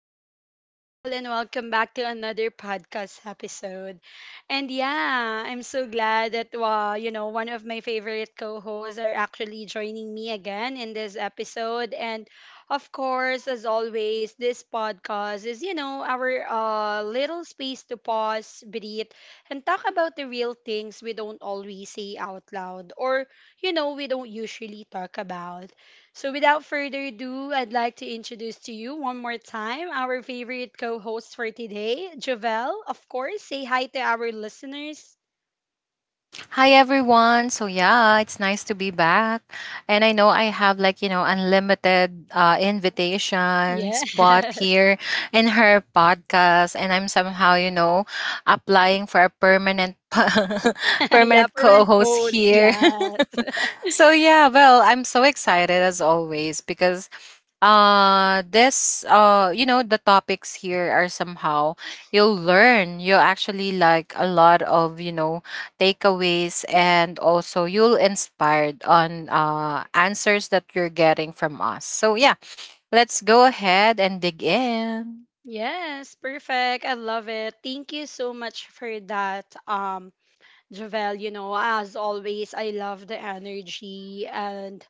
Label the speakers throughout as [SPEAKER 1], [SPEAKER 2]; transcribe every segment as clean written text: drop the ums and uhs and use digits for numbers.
[SPEAKER 1] beautiful people, and welcome back to another podcast episode. And yeah, I'm so glad that, one of my favorite co hosts are actually joining me again in this episode. And of course, as always, this podcast is, our little space to pause, breathe, and talk about the real things we don't always say out loud or we don't usually talk about. So, without further ado, I'd like to introduce to you one more time our favorite co host for today, Jovel. Of course, say hi to our listeners.
[SPEAKER 2] Hi everyone. It's nice to be back. And I know I have unlimited invitation
[SPEAKER 1] Yeah.
[SPEAKER 2] spot here in her podcast, and I'm applying for a permanent
[SPEAKER 1] Yeah,
[SPEAKER 2] permanent
[SPEAKER 1] parent
[SPEAKER 2] co-host
[SPEAKER 1] post.
[SPEAKER 2] here.
[SPEAKER 1] Yes.
[SPEAKER 2] I'm so excited as always because this you know the topics here are somehow you'll learn, you actually a lot of you know takeaways, and also you'll inspired on answers that you're getting from us. So yeah, let's go ahead and dig in.
[SPEAKER 1] Yes, perfect. I love it. Thank you so much for that, Javel. You know, as always, I love the energy. And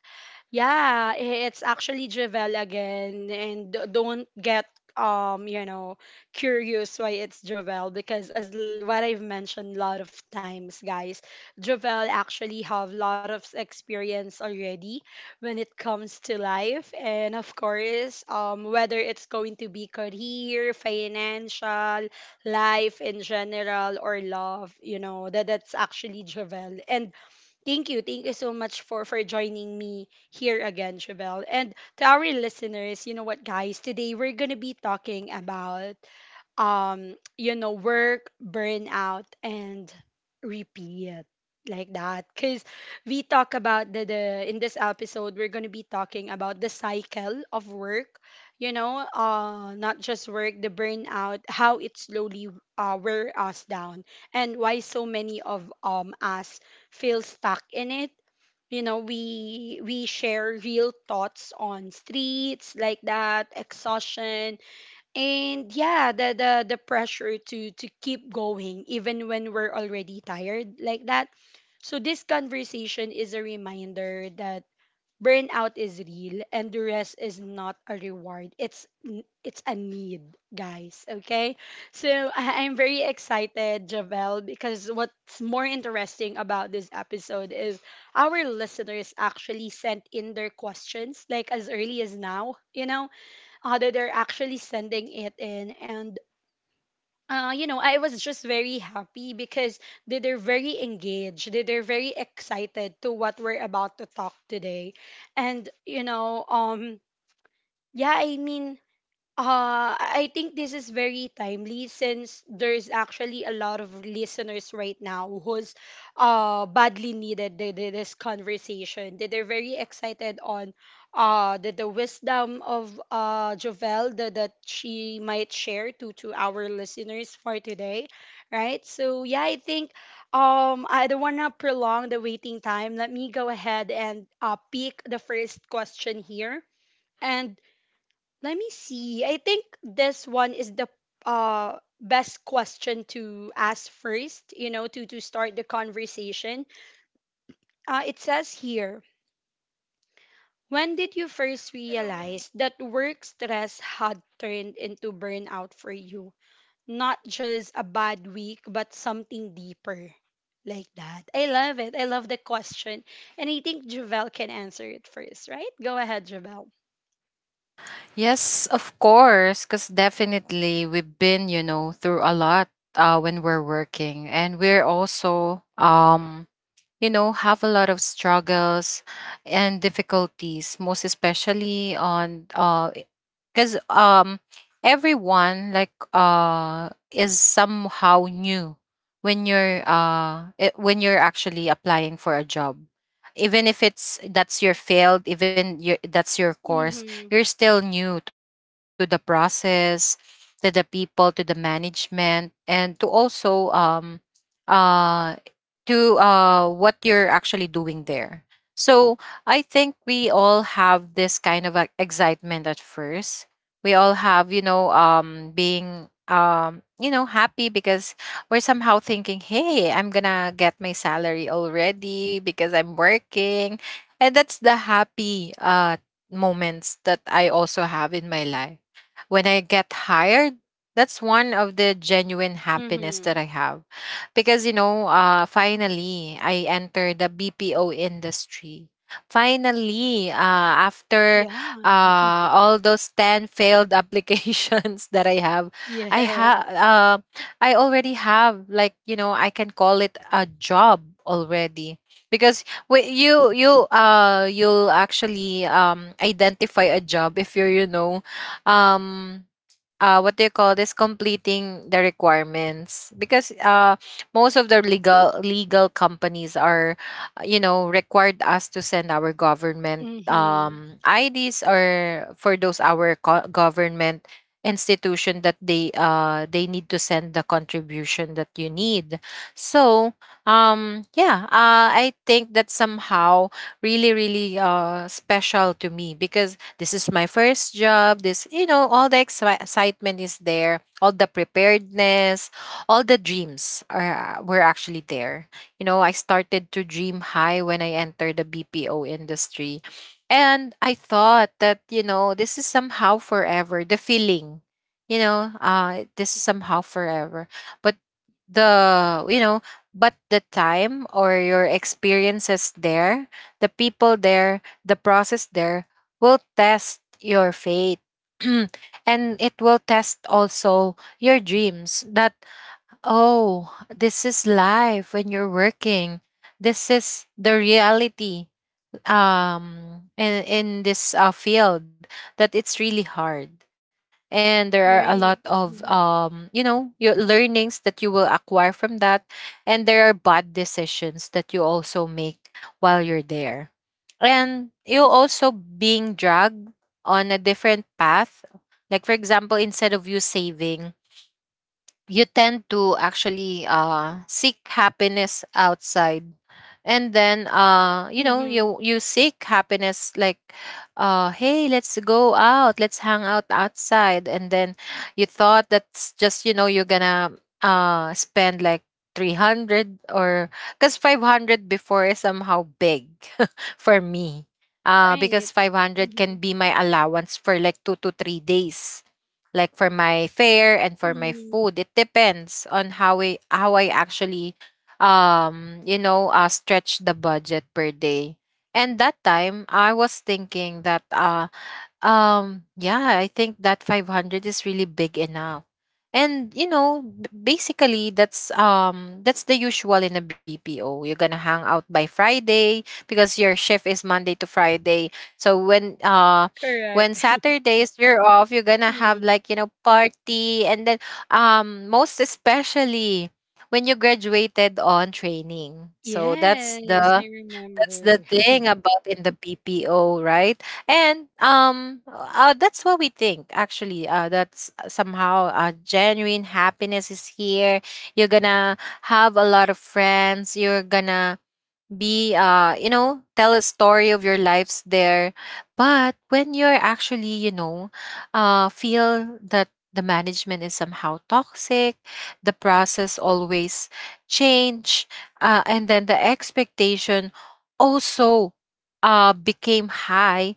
[SPEAKER 1] yeah, it's actually Javel again, and don't get um you know curious why it's Javel because what I've mentioned a lot of times, guys, Javel actually have a lot of experience already when it comes to life, and of course, whether it's going to be career, financial, life in general, or love. You know that that's actually Javel. And thank you. Thank you so much for joining me here again, Chevelle. And to our listeners, you know what, guys? Today we're gonna be talking about work burnout and repeat, like that, because we talk about the in this episode we're going to be talking about the cycle of work, not just work, the burnout, how it slowly wear us down and why so many of us feel stuck in it. We share real thoughts on streets like that, exhaustion, and yeah, the pressure to keep going even when we're already tired, like that. So this conversation is a reminder that burnout is real and the rest is not a reward. It's it's a need, guys. Okay. So I'm very excited, Javel, because what's more interesting about this episode is our listeners actually sent in their questions like as early as now, you know? Other, they're actually sending it in. And you know, I was just very happy because they're very engaged, they're very excited to what we're about to talk today. And yeah i mean I think this is very timely since there's actually a lot of listeners right now who's badly needed this conversation. They're very excited on the wisdom of Jovel that, that she might share to our listeners for today, right? So yeah, I think I don't wanna prolong the waiting time. Let me go ahead and pick the first question here. And let me see. I think this one is the best question to ask first, you know, to start the conversation. It says here, when did you first realize that work stress had turned into burnout for you? Not just a bad week, but something deeper, like that. I love it. I love the question. And I think Javel can answer it first, right? Go ahead, Javel.
[SPEAKER 2] Yes, of course, because definitely we've been, you know, through a lot when we're working, and we're also, you know, have a lot of struggles and difficulties, most especially on because everyone is somehow new when you're when you're actually applying for a job, even if it's that's your field, even that's your course,
[SPEAKER 1] Mhm.
[SPEAKER 2] you're still new to the process, to the people, to the management, and to also uh to what you're actually doing there. So I think we all have this kind of excitement at first. We all have, you know, being, happy, because we're somehow thinking, hey, I'm gonna get my salary already because I'm working. And that's the happy moments that I also have in my life when I get hired. That's one of the genuine happiness that
[SPEAKER 1] Mhm.
[SPEAKER 2] I have, because, you know, finally I entered the BPO industry. Finally, after
[SPEAKER 1] Yeah.
[SPEAKER 2] all those 10 failed applications that I have, I
[SPEAKER 1] Yes.
[SPEAKER 2] have, I already have, like, you know, I can call it a job already, because we, you you'll actually identify a job if you're, um what do you call this, completing the requirements, because most of the legal companies are, required us to send our government,
[SPEAKER 1] Mm-hmm.
[SPEAKER 2] IDs, or for those our government institution that they need to send the contribution that you need. So yeah I think that somehow really really special to me, because this is my first job. This, you know, all the excitement is there, all the preparedness, all the dreams are were actually there. You know, I started to dream high when I entered the BPO industry. And I thought that, you know, this is somehow forever the feeling. You know, this is somehow forever. But the you know the time or your experiences there, the people there, the process there will test your faith. And it will test also your dreams. That oh, this is life when you're working. This is the reality in this field, that it's really hard. And there are a lot
[SPEAKER 1] Right.
[SPEAKER 2] of,
[SPEAKER 1] Mm-hmm.
[SPEAKER 2] you know, your learnings that you will acquire from that. And there are bad decisions that you also make while you're there. And you also being dragged on a different path. Like for example, instead of you saving, you tend to actually seek happiness outside. And then,
[SPEAKER 1] Mm-hmm.
[SPEAKER 2] you seek happiness like, hey, let's go out, let's hang out outside. And then you thought that's just, you know, you're gonna spend like 300, or because 500 before is somehow big for me,
[SPEAKER 1] Right.
[SPEAKER 2] because 500
[SPEAKER 1] Mm-hmm.
[SPEAKER 2] can be my allowance for like 2 to 3 days, like for my fare and for my
[SPEAKER 1] Mm-hmm.
[SPEAKER 2] food. It depends on how I actually, stretch the budget per day. And that time I was thinking that yeah, I think that 500 is really big enough. And you know, basically that's the usual in a BPO. You're gonna hang out by Friday because your shift is Monday to Friday. So when
[SPEAKER 1] Correct.
[SPEAKER 2] Saturdays you're off, you're gonna have,
[SPEAKER 1] Mm.
[SPEAKER 2] like, you know, party, and then most especially when you graduated on training. So
[SPEAKER 1] Yes, I
[SPEAKER 2] that's the
[SPEAKER 1] remember.
[SPEAKER 2] thing about in the BPO, right? And that's what we think actually. That's somehow, genuine happiness is here. You're gonna have a lot of friends. You're gonna be, tell a story of your lives there. But when you're actually, you know, feel that the management is somehow toxic, the process always change, and then the expectation also became high.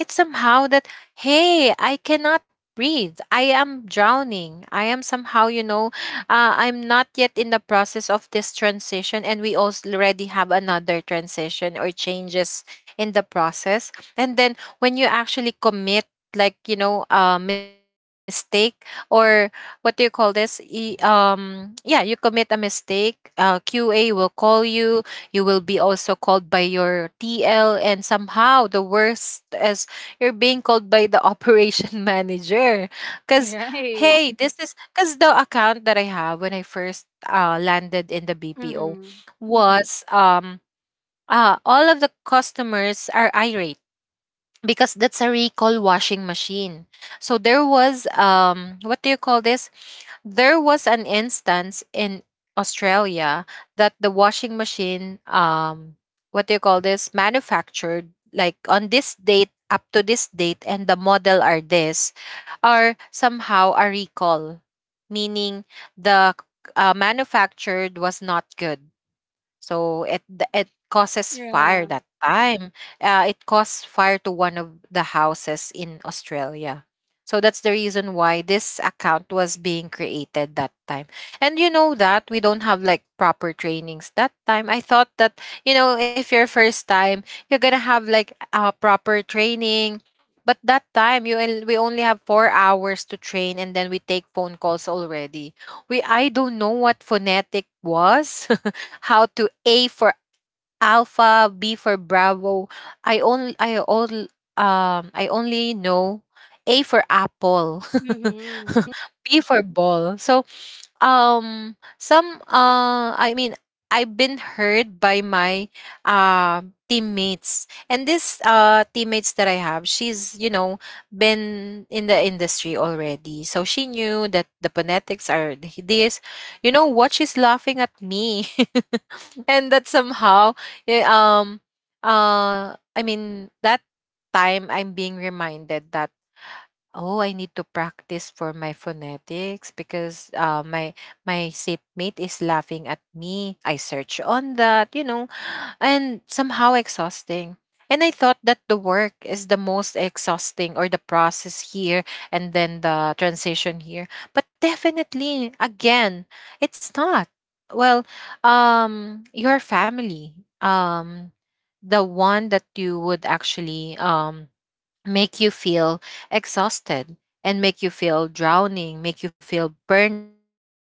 [SPEAKER 2] It's somehow that hey, I cannot breathe, I am drowning, I am somehow, you know, I'm not yet in the process of this transition, and we also already have another transition or changes in the process. And then when you actually commit, like you know, a mistake or what do you call this? Yeah, you commit a mistake. QA will call you. You will be also called by your TL, and somehow the worst is you're being called by the operation manager because
[SPEAKER 1] Right.
[SPEAKER 2] hey, this is because the account that I have when I first, landed in the BPO
[SPEAKER 1] Mm-hmm.
[SPEAKER 2] was all of the customers are irate because that's a recall washing machine. So there was, what do you call this? There was an instance in Australia that the washing machine, what do you call this, manufactured like on this date up to this date, and the model are this, are somehow a recall, meaning the manufactured was not good, so it causes
[SPEAKER 1] Yeah.
[SPEAKER 2] fire that time. It caused fire to one of the houses in Australia. So that's the reason why this account was being created that time. And you know that we don't have like proper trainings that time. I thought that you know, if your first time, you're gonna have like a proper training. But that time you and we only have 4 hours to train, and then we take phone calls already. We I don't know what phonetic was, how to A for Alpha, B for Bravo. I only I all I only know A for apple.
[SPEAKER 1] Mm-hmm.
[SPEAKER 2] B for ball. So some I mean, I've been heard by my, uh, teammates, and this teammates that I have, she's, you know, been in the industry already, so she knew that the phonetics are this. You know what, she's laughing at me. And that somehow, eh, um I mean that time I'm being reminded that oh, I need to practice for my phonetics, because my seatmate is laughing at me. I search on that, you know, and somehow exhausting. And I thought that the work is the most exhausting, or the process here and then the transition here. But definitely, again, it's not. Well, your family, um, the one that you would actually make you feel exhausted and make you feel drowning, make you feel burnout,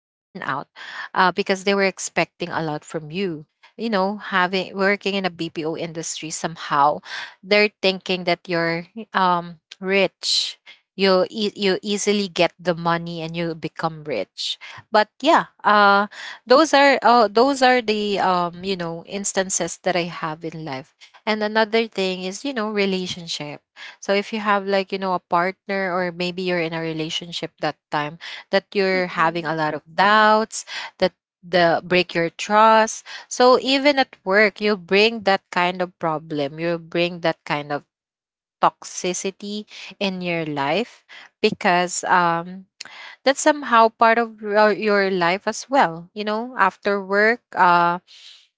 [SPEAKER 2] because they were expecting a lot from you. You know, having working in a BPO industry, somehow they're thinking that you're, rich. You easily get the money and you become rich. But yeah, those are the, instances that I have in life. And another thing is, you know, relationship. So if you have, like, you know, a partner or maybe you're in a relationship that time, that you're having
[SPEAKER 1] Mm-hmm.
[SPEAKER 2] a lot of doubts, that the break your trust. So even at work, you'll bring that kind of problem. You'll bring that kind of toxicity in your life, because that's somehow part of your life as well. You know, after work,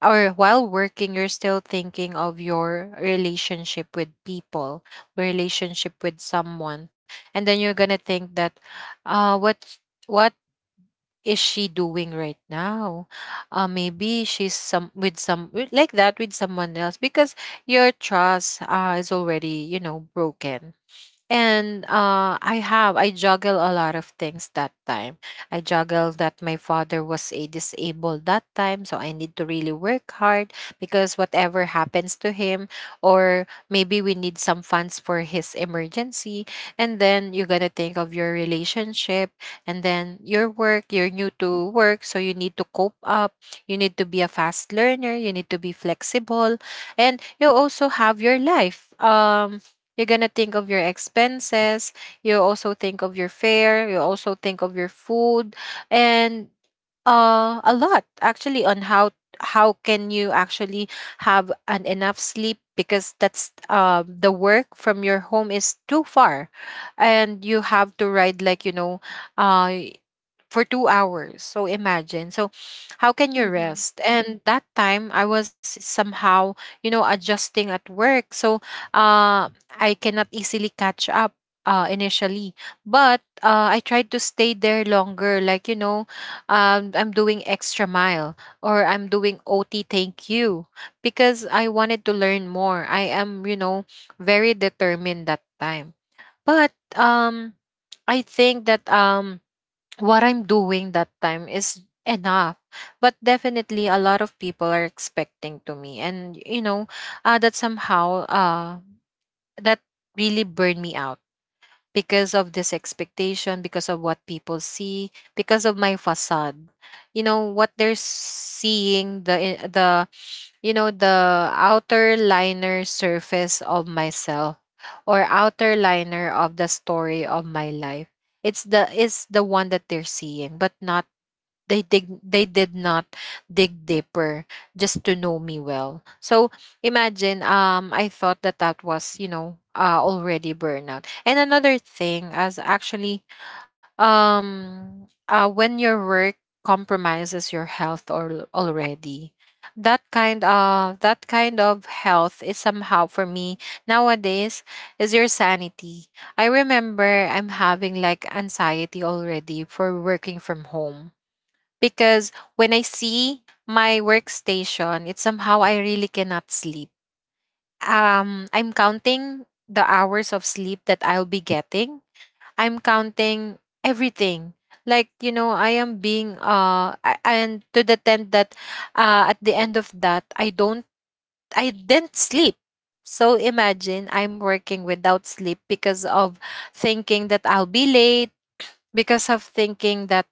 [SPEAKER 2] or while working, you're still thinking of your relationship with people, relationship with someone. And then you're gonna think that, uh, what is she doing right now? Maybe she's some with- like that with someone else, because your trust, is already, you know, broken. And I juggle a lot of things that time. I juggle that my father was a disabled that time, so I need to really work hard, because whatever happens to him, or maybe we need some funds for his emergency. And then you're gonna think of your relationship, and then your work, you're new to work, so you need to cope up, you need to be a fast learner, you need to be flexible, and you also have your life. You're gonna think of your expenses. You also think of your fare. You also think of your food, and a lot actually on how can you actually have an enough sleep, because that's the work from your home is too far, and you have to ride, like, you know, uh, for 2 hours. So imagine. So how can you
[SPEAKER 1] Mm-hmm.
[SPEAKER 2] rest? And that time I was somehow, you know, adjusting at work. So uh, I cannot easily catch up, initially. But I tried to stay there longer. Like, you know, I'm doing extra mile or I'm doing OT thank you because I wanted to learn more. I am, you know, very determined that time. But um, I think that what I'm doing that time is enough. But definitely a lot of people are expecting to me. And you know, that somehow that really burned me out because of this expectation, because of what people see, because of my facade. You know, what they're seeing, the you know, the outer liner surface of myself or outer liner of the story of my life, it's the one that they're seeing but not, they did not dig deeper just to know me well. So imagine, I thought that that was, you know, already burnout. And another thing as actually, when your work compromises your health or already, that kind of health is somehow for me nowadays is your sanity. I remember I'm having like anxiety already for working from home because when I see my workstation, it's somehow I really cannot sleep. I'm counting the hours of sleep that I'll be getting. I'm counting everything. Like, you know, I am being and to the tent that at the end of that I don't. I didn't sleep. So imagine I'm working without sleep because of thinking that I'll be late, because of thinking that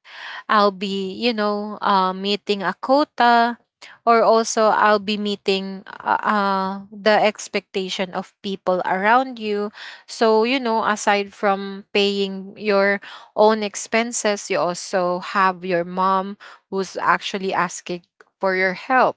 [SPEAKER 2] I'll be, you know, meeting a quota, or also I'll be meeting the expectation of people around you. So, you know, aside from paying your own expenses, you also have your mom who's actually asking for your help.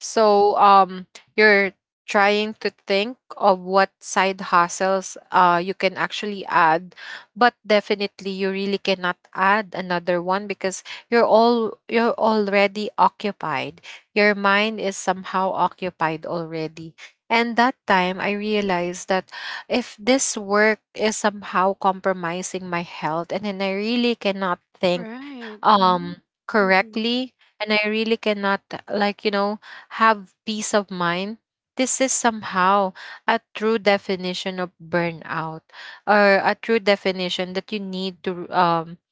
[SPEAKER 2] So, you're trying to think of what side hustles you can actually add, but definitely you really cannot add another one because you're already occupied. Your mind is somehow occupied already. And that time I realized that if this work is somehow compromising my health, and then I really cannot think
[SPEAKER 1] Right.
[SPEAKER 2] um
[SPEAKER 1] Mm-hmm.
[SPEAKER 2] correctly, and I really cannot, like, you know, have peace of mind. This is somehow a true definition of burnout, or a true definition that you need to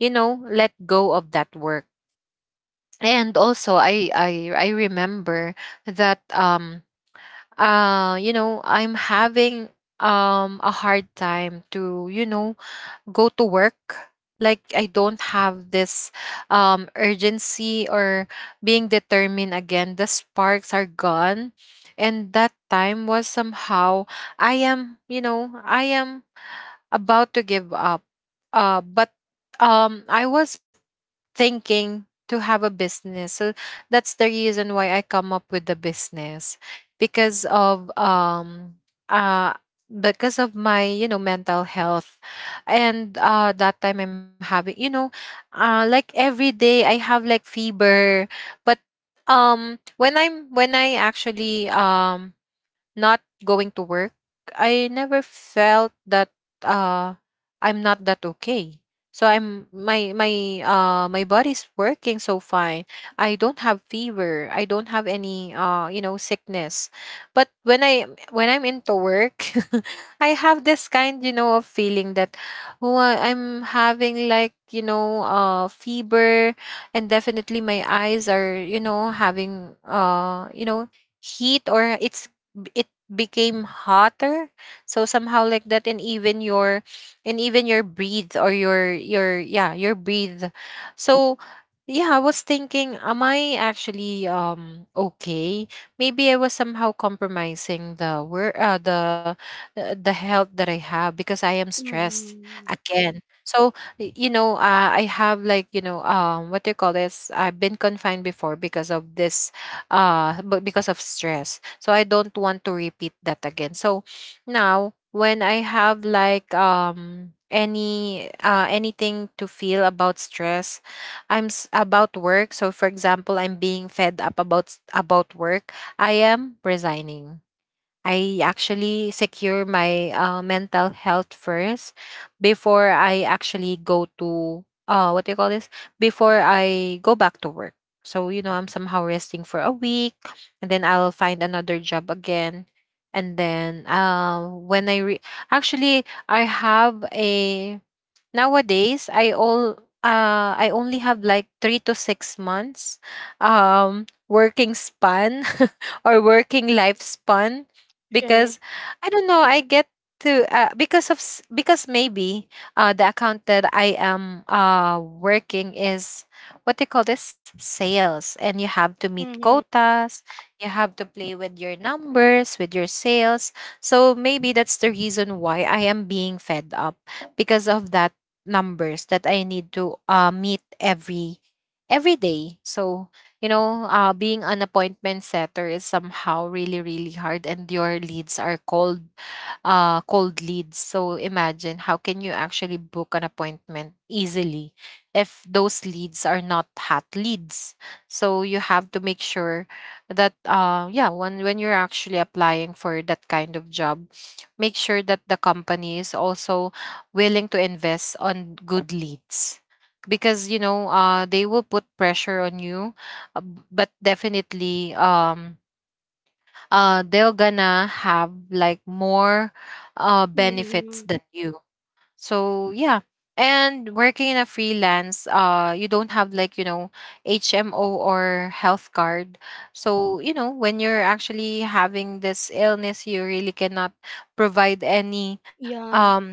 [SPEAKER 2] you know, let go of that work. And also, I remember that you know, I'm having a hard time to, you know, go to work. Like, I don't have this urgency or being determined again. The sparks are gone. And that time was somehow, I am, you know, I am about to give up. But I was thinking to have a business. So that's the reason why I come up with the business because of um uh because of my, you know, mental health. And that time I'm having, you know, like every day I have like fever. But um when I'm when I actually not going to work, I never felt that uh I'm not that okay. So I'm my body's working so fine. I don't have fever. I don't have any you know, sickness. But when I when I'm into work, I have this kind, you know, of feeling that, oh, I'm having like, you know, fever. And definitely my eyes are, you know, having you know, heat, or it's it became hotter. So somehow like that. And even your, and even your breathe, or your yeah, your breathe. So yeah, I was thinking, am I actually okay? Maybe I was somehow compromising the work, the health that I have because I am stressed
[SPEAKER 1] Mm-hmm.
[SPEAKER 2] again. So, you know, I have like, you know, what do you call this, I've been confined before because of this. But because of stress, so I don't want to repeat that again. So now when I have like any anything to feel about stress, about work, so for example, I'm being fed up about work, I am resigning. I actually secure my mental health first before I actually go to what do you call this? Before I go back to work. So you know, I'm somehow resting for a week, and then I'll find another job again. And then actually I have a, nowadays, I all I only have like 3 to 6 months working span or working lifespan
[SPEAKER 1] Right.
[SPEAKER 2] because I don't know, I get to because maybe the account that I am working is, what do you call this, sales, and you have to meet
[SPEAKER 1] Mm-hmm.
[SPEAKER 2] quotas. You have to play with your numbers, with your sales. So maybe that's the reason why I am being fed up because of that numbers that I need to meet every day. So, you know, being an appointment setter is somehow really really hard and your leads are cold, cold leads. So imagine how can you actually book an appointment easily if those leads are not hot leads. So you have to make sure that yeah, when you're actually applying for that kind of job, make sure that the company is also willing to invest on good leads, because you know, they will put pressure on you. But definitely they're gonna have like more
[SPEAKER 1] Mm-hmm.
[SPEAKER 2] benefits than you. So yeah. And working in a freelance, you don't have like, you know, HMO or health card. So you know, when you're actually having this illness, you really cannot provide
[SPEAKER 1] Yeah.
[SPEAKER 2] um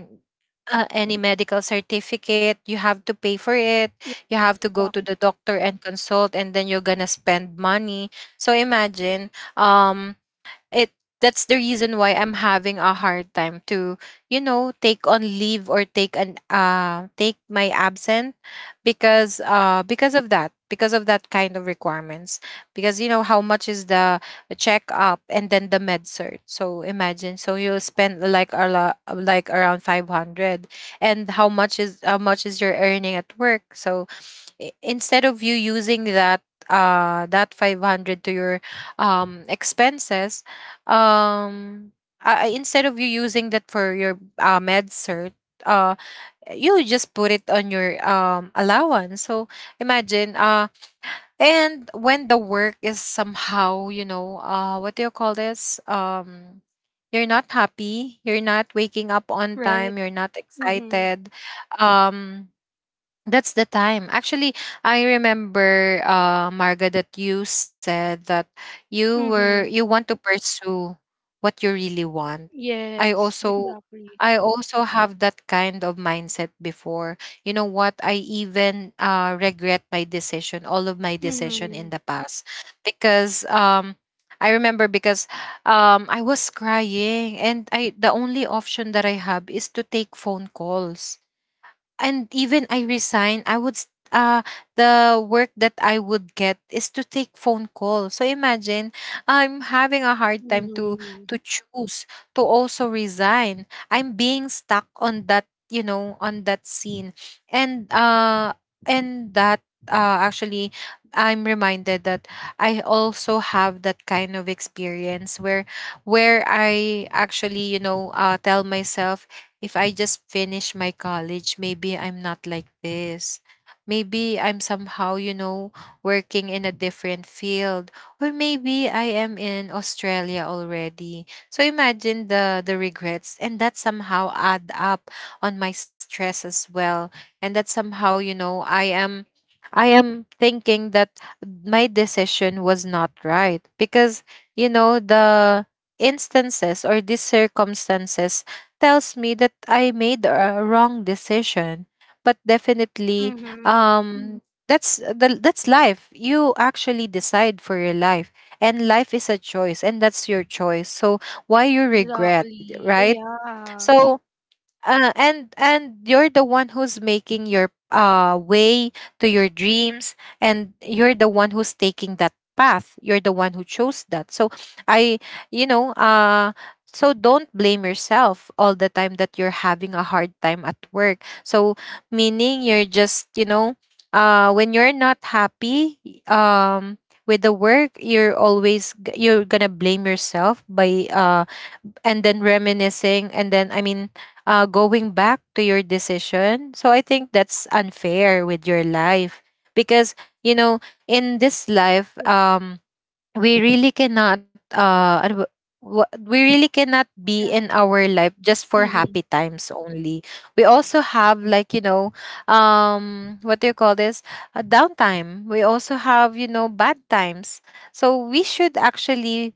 [SPEAKER 2] any medical certificate. You have to pay for it.
[SPEAKER 1] Yeah.
[SPEAKER 2] You have to go to
[SPEAKER 1] Exactly.
[SPEAKER 2] the doctor and consult, and then you're gonna spend money. So imagine, um it that's the reason why I'm having a hard time to, you know, take on leave or take an take my absent, because of that kind of requirements. Because you know how much is the checkup and then the med cert. So imagine, so you spend like a lot, like around 500. And how much is, how much is your earning at work? So, instead of you using that that 500 to your expenses, um instead of you using that for your med cert, uh you just put it on your allowance. So imagine, and when the work is somehow, you know, what do you call this, you're not happy, you're not waking up on
[SPEAKER 1] Right.
[SPEAKER 2] time, you're not
[SPEAKER 1] Mm-hmm.
[SPEAKER 2] excited, um that's the time. Actually, I remember, Marga, that you said that
[SPEAKER 1] Mm-hmm.
[SPEAKER 2] you want to pursue what you really want. I
[SPEAKER 1] Yes,
[SPEAKER 2] also,
[SPEAKER 1] exactly.
[SPEAKER 2] I also have that kind of mindset before. You know what? I even regret my decision, all of my decision
[SPEAKER 1] Mm-hmm.
[SPEAKER 2] in the past, because I remember because I was crying, and I the only option that I have is to take phone calls. And even I resign, the work that I would get is to take phone calls. So imagine I'm having a hard time
[SPEAKER 1] Mhm,
[SPEAKER 2] to choose, to also resign. I'm being stuck on that, you know, on that scene. And uh and that actually, I'm reminded that I also have that kind of experience where I actually, you know, tell myself, if I just finish my college, maybe I'm not like this. Maybe I'm somehow, you know, working in a different field. Or maybe I am in Australia already. So imagine the regrets, and that somehow add up on my stress as well. And that somehow, you know, I am thinking that my decision was not right, because you know, the instances or these circumstances tells me that I made a wrong decision. But definitely,
[SPEAKER 1] mhm.
[SPEAKER 2] um, that's the, that's life. You actually decide for your life, and life is a choice, and that's your choice. So why you regret,
[SPEAKER 1] Exactly,
[SPEAKER 2] right?
[SPEAKER 1] yeah.
[SPEAKER 2] So and you're the one who's making your way to your dreams, and you're the one who's taking that path, you're the one who chose that. So i you know uh so don't blame yourself all the time that you're having a hard time at work. So meaning you're just, when you're not happy um with the work, you're always you're gonna blame yourself by and then reminiscing, and then going back to your decision. So I think that's unfair with your life, because you know, in this life, we really cannot uh ano ba- we really cannot be
[SPEAKER 1] Yeah,
[SPEAKER 2] in our life just for
[SPEAKER 1] mhm.
[SPEAKER 2] happy times only. We also have, like, you know, what do you call this, a downtime. We also have, you know, bad times. So we should actually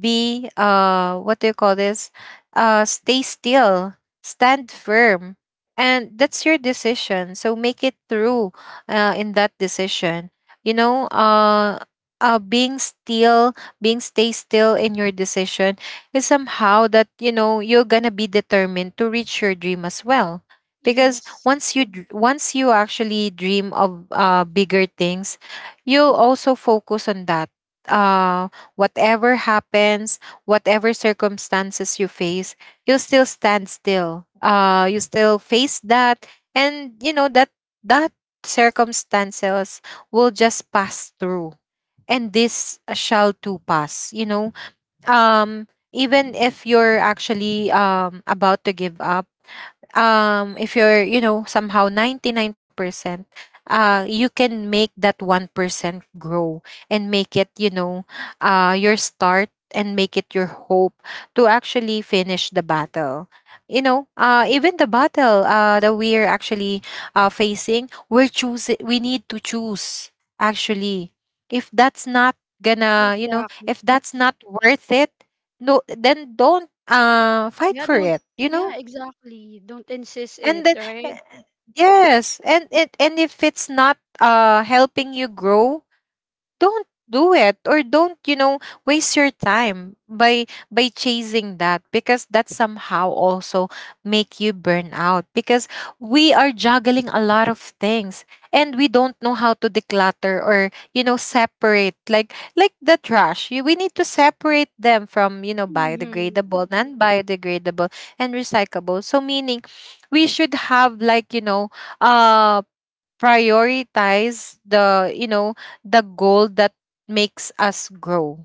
[SPEAKER 2] be, what do you call this, stay still, stand firm. And that's your decision, so make it through, in that decision. you know uh Being still, being stay still in your decision is somehow that, you know, you're gonna be determined to reach your dream as well. Because
[SPEAKER 1] Yes,
[SPEAKER 2] once you actually dream of bigger things, you'll also focus on that. Uh, whatever happens, whatever circumstances you face, you'll still stand still. You still face that, and you know that that circumstances will just pass through, and this shall too pass, you know. um Even if you're actually about to give up, if you're, you know, somehow 99%, you can make that 1% grow and make it, you know, your start, and make it your hope to actually finish the battle. You know, even the battle that we're actually facing, we're choosing, we need to choose, actually, if that's not gonna, you know,
[SPEAKER 1] exactly.
[SPEAKER 2] if that's not worth it, no, then don't fight
[SPEAKER 1] Yeah,
[SPEAKER 2] for
[SPEAKER 1] don't,
[SPEAKER 2] it, you know.
[SPEAKER 1] yeah, exactly. Don't insist it,
[SPEAKER 2] And then
[SPEAKER 1] right?
[SPEAKER 2] eh, yes, and it, and if it's not helping you grow, don't do it, or don't, you know, waste your time by chasing that, because that somehow also make you burn out. Because we are juggling a lot of things, and we don't know how to declutter or, you know, separate like the trash. You- we need to separate them from, you know,
[SPEAKER 1] Mhm.
[SPEAKER 2] biodegradable, non-biodegradable, and recyclable. So meaning, we should have, like, you know, uh prioritize the, you know, the goal that makes us grow.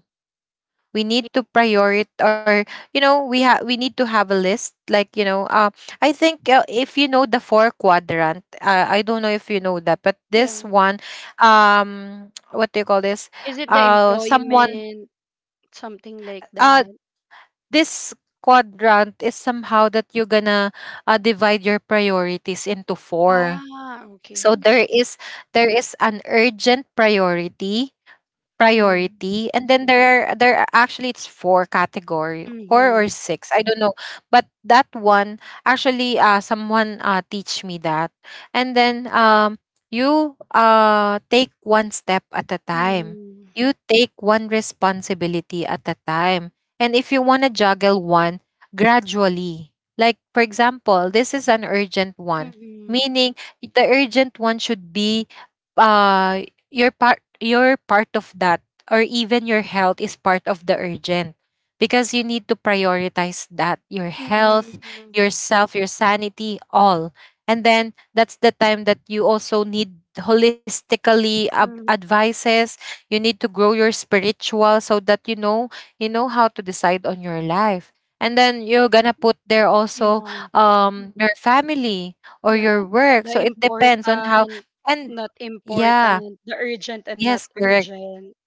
[SPEAKER 2] We need to prioritize or, you know, we have we need to have a list, like, you know, I think, if you know the four quadrant, I don't know if you know that, but this
[SPEAKER 1] Yeah.
[SPEAKER 2] one, what do you call this,
[SPEAKER 1] Is it the
[SPEAKER 2] someone
[SPEAKER 1] employment, something like
[SPEAKER 2] uh
[SPEAKER 1] that?
[SPEAKER 2] this quadrant is somehow that you're gonna divide your priorities into four.
[SPEAKER 1] Ah, okay,
[SPEAKER 2] So there
[SPEAKER 1] okay.
[SPEAKER 2] is an urgent priority
[SPEAKER 1] Mm.
[SPEAKER 2] and then there are actually, it's four category, four or
[SPEAKER 1] Mhm.
[SPEAKER 2] six, I don't know. But that one actually, someone teach me that. And then you take one step at a time,
[SPEAKER 1] Mhm.
[SPEAKER 2] you take one responsibility at a time. And if you want to juggle one, gradually, like for example, this is an urgent one.
[SPEAKER 1] Mhm.
[SPEAKER 2] Meaning the urgent one should be, uh you're part of that, or even your health is part of the urgent, because you need to prioritize that, your health,
[SPEAKER 1] Mhm.
[SPEAKER 2] yourself, your sanity, all. And then that's the time that you also need holistically
[SPEAKER 1] Mhm.
[SPEAKER 2] advices. You need to grow your spiritual, so that you know, you know how to decide on your life. And then you're gonna put there also
[SPEAKER 1] Yeah.
[SPEAKER 2] your family or
[SPEAKER 1] Yeah,
[SPEAKER 2] your work,
[SPEAKER 1] the
[SPEAKER 2] so it depends on how.
[SPEAKER 1] important,
[SPEAKER 2] And
[SPEAKER 1] not
[SPEAKER 2] yeah.
[SPEAKER 1] important, the urgent and not
[SPEAKER 2] Yes, correct.
[SPEAKER 1] urgent.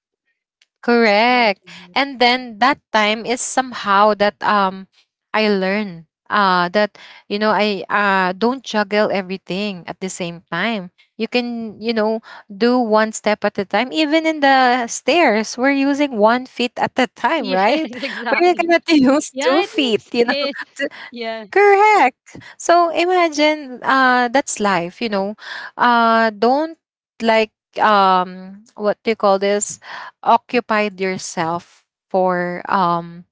[SPEAKER 1] Like
[SPEAKER 2] Correct.
[SPEAKER 1] that.
[SPEAKER 2] And then that time is somehow that, I learn that, you know, I don't juggle everything at the same time. You can, you know, do one step at a time. Even in the stairs, we're using one feet at a time,
[SPEAKER 1] Yeah,
[SPEAKER 2] right? We're not
[SPEAKER 1] exactly.
[SPEAKER 2] gonna use
[SPEAKER 1] Yeah,
[SPEAKER 2] two
[SPEAKER 1] it
[SPEAKER 2] feet,
[SPEAKER 1] makes
[SPEAKER 2] you know.
[SPEAKER 1] sense. Yeah.
[SPEAKER 2] Correct. So imagine that's life, you know. Uh, don't, like, what do you call this? Occupied yourself for,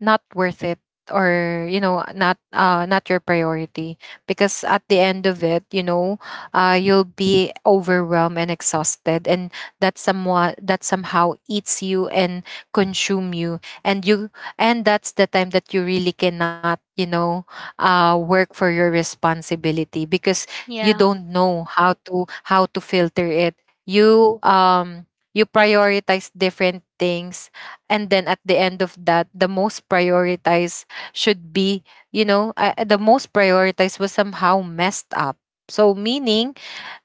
[SPEAKER 2] not worth it, or you know, not not your priority. Because at the end of it, you know, you'll be overwhelmed and exhausted, and that somehow eats you and consume you, and you and that's the time that you really cannot, you know, work for your responsibility. Because you
[SPEAKER 1] Yeah.
[SPEAKER 2] don't know how to filter it. You you prioritize different things, and then at the end of that, the most prioritized should be, you know, the most prioritized was somehow messed up. So meaning,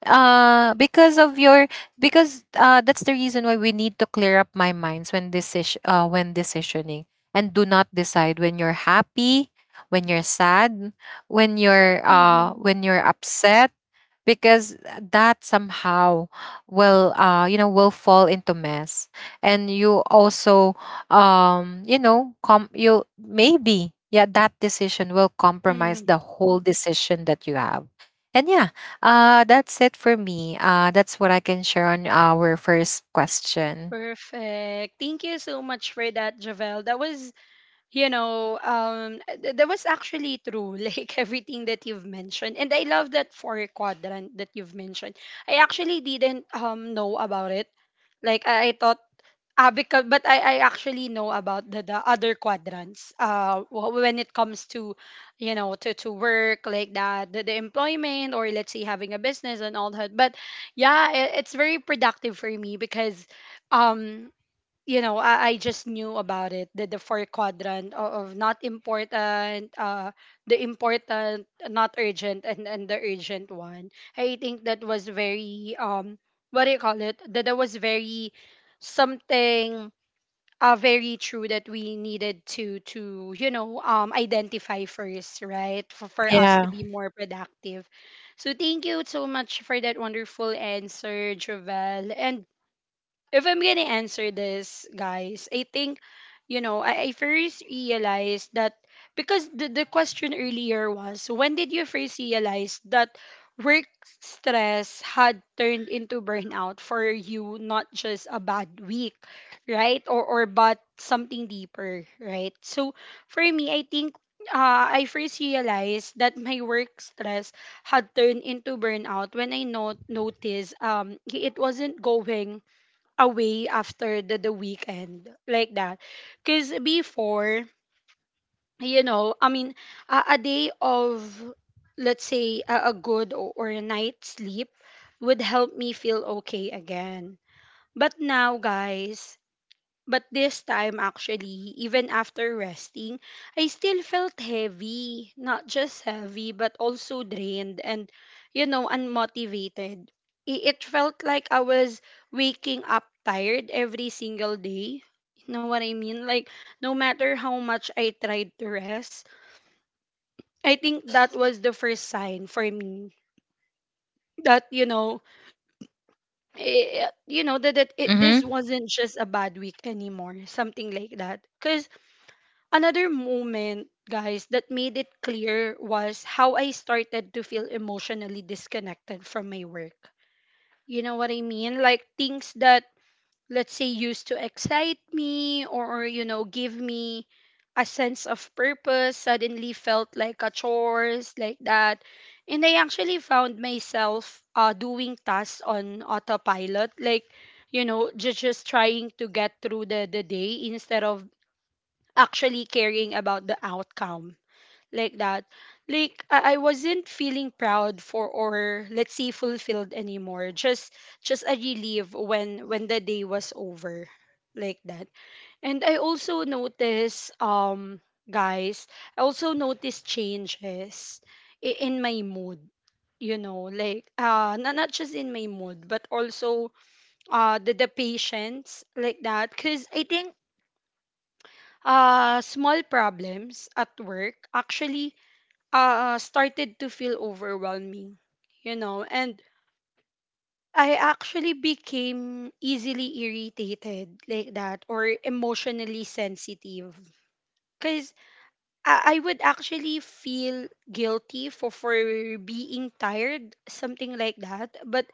[SPEAKER 2] because of your because that's the reason why we need to clear up my minds when decisioning. And do not decide when you're happy, when you're sad, when you're
[SPEAKER 1] Hmm.
[SPEAKER 2] upset. Because that somehow will, you know, will fall into mess. And you also, you know, com you maybe yeah, that decision will compromise
[SPEAKER 1] Hmm.
[SPEAKER 2] the whole decision that you have. And yeah, that's it for me. That's what I can share on our first question.
[SPEAKER 1] Perfect. Thank you so much for that, Javel. That was, you know, that was actually true. Like everything that you've mentioned, and I love that four quadrant that you've mentioned. I actually didn't know about it. Like I thought, ah, because but I actually know about the other quadrants. When it comes to, you know, to work like that, the employment or let's say having a business and all that. But yeah, it's very productive for me because, um, you know, I just knew about it. The four quadrant of not important, the important, not urgent, and the urgent one. I think that was very what do you call it? That that was very something very true that we needed to you know identify first, right? For us to
[SPEAKER 2] Yeah.
[SPEAKER 1] be more productive. So thank you so much for that wonderful answer, Jovel. And if I'm gonna answer this, guys, I think, you know, I first realized that because the question earlier was when did you first realize that work stress had turned into burnout for you, not just a bad week, right? Or but something deeper, right? So for me, I think I first realized that my work stress had turned into burnout when I not noticed it wasn't going away after the weekend, like that, because before, you know i mean a day of, let's say, a good or a night sleep would help me feel okay again. But now, guys, but this time, actually, even after resting, I still felt heavy. Not just heavy, but also drained and, you know, unmotivated. It felt like I was waking up tired every single day. You know what I mean? Like, no matter how much I tried to rest, I think that was the first sign for me that, you know, this
[SPEAKER 2] Mm-hmm.
[SPEAKER 1] wasn't just a bad week anymore, something like that. Because another moment, guys, that made it clear was how I started to feel emotionally disconnected from my work. You know what I mean? Like things that, let's say, used to excite me or, you know, give me a sense of purpose suddenly felt like a chores, like that. And I actually found myself doing tasks on autopilot, like, you know, just trying to get through the day instead of actually caring about the outcome, like that. Like I wasn't feeling proud for or let's say fulfilled anymore, just a relief when the day was over, like that. And I also noticed, guys I also noticed changes in my mood. You know, like not just in my mood but also the patience, like that, because I think small problems at work actually started to feel overwhelming, you know, and I actually became easily irritated, like that, or emotionally sensitive. Because I would actually feel guilty for being tired, something like that. But,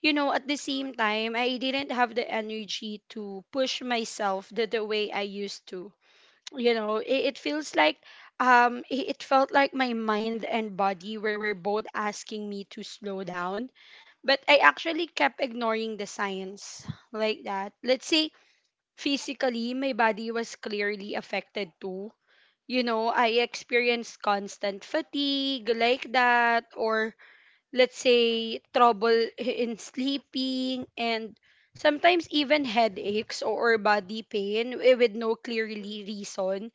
[SPEAKER 1] you know, at the same time, I didn't have the energy to push myself the way I used to. You know, it feels like it felt like my mind and body were both asking me to slow down, but I actually kept ignoring the signs, like that. Let's say physically my body was clearly affected too. You know, I experienced constant fatigue, like that, or let's say trouble in sleeping, and sometimes even headaches or body pain with no clearly reason.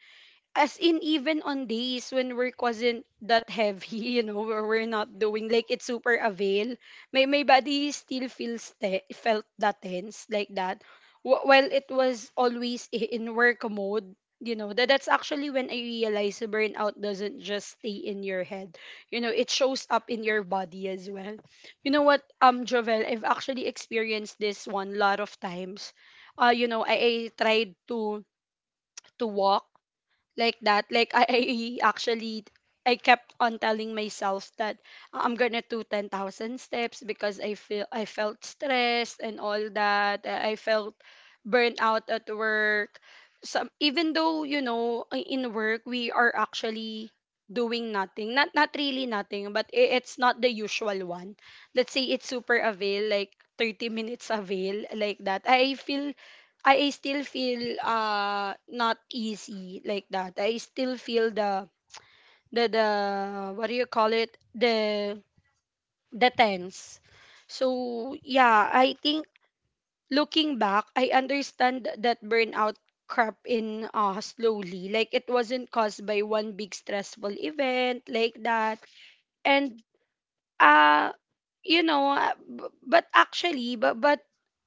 [SPEAKER 1] As in, even on days when work wasn't that heavy, you know, where we're not doing like it's super avail, my body still felt that tense, like that. While it was always in work mode, you know, that that's actually when I realized burnout doesn't just stay in your head. You know, it shows up in your body as well. You know what, Jovel, I've actually experienced this one lot of times. You know, I tried to walk, like that. Like I actually, I kept on telling myself that I'm gonna do 10,000 steps because I feel I felt stressed and all that. I felt burnt out at work. Some, even though you know in work we are actually doing nothing, not not really nothing, but it's not the usual one, let's say it's super avail like 30 minutes avail, like that, I still feel not easy, like that. I still feel the what do you call it? The tense. So yeah, I think looking back, I understand that burnout crept in slowly. Like it wasn't caused by one big stressful event, like that. And uh you know, b- but actually, but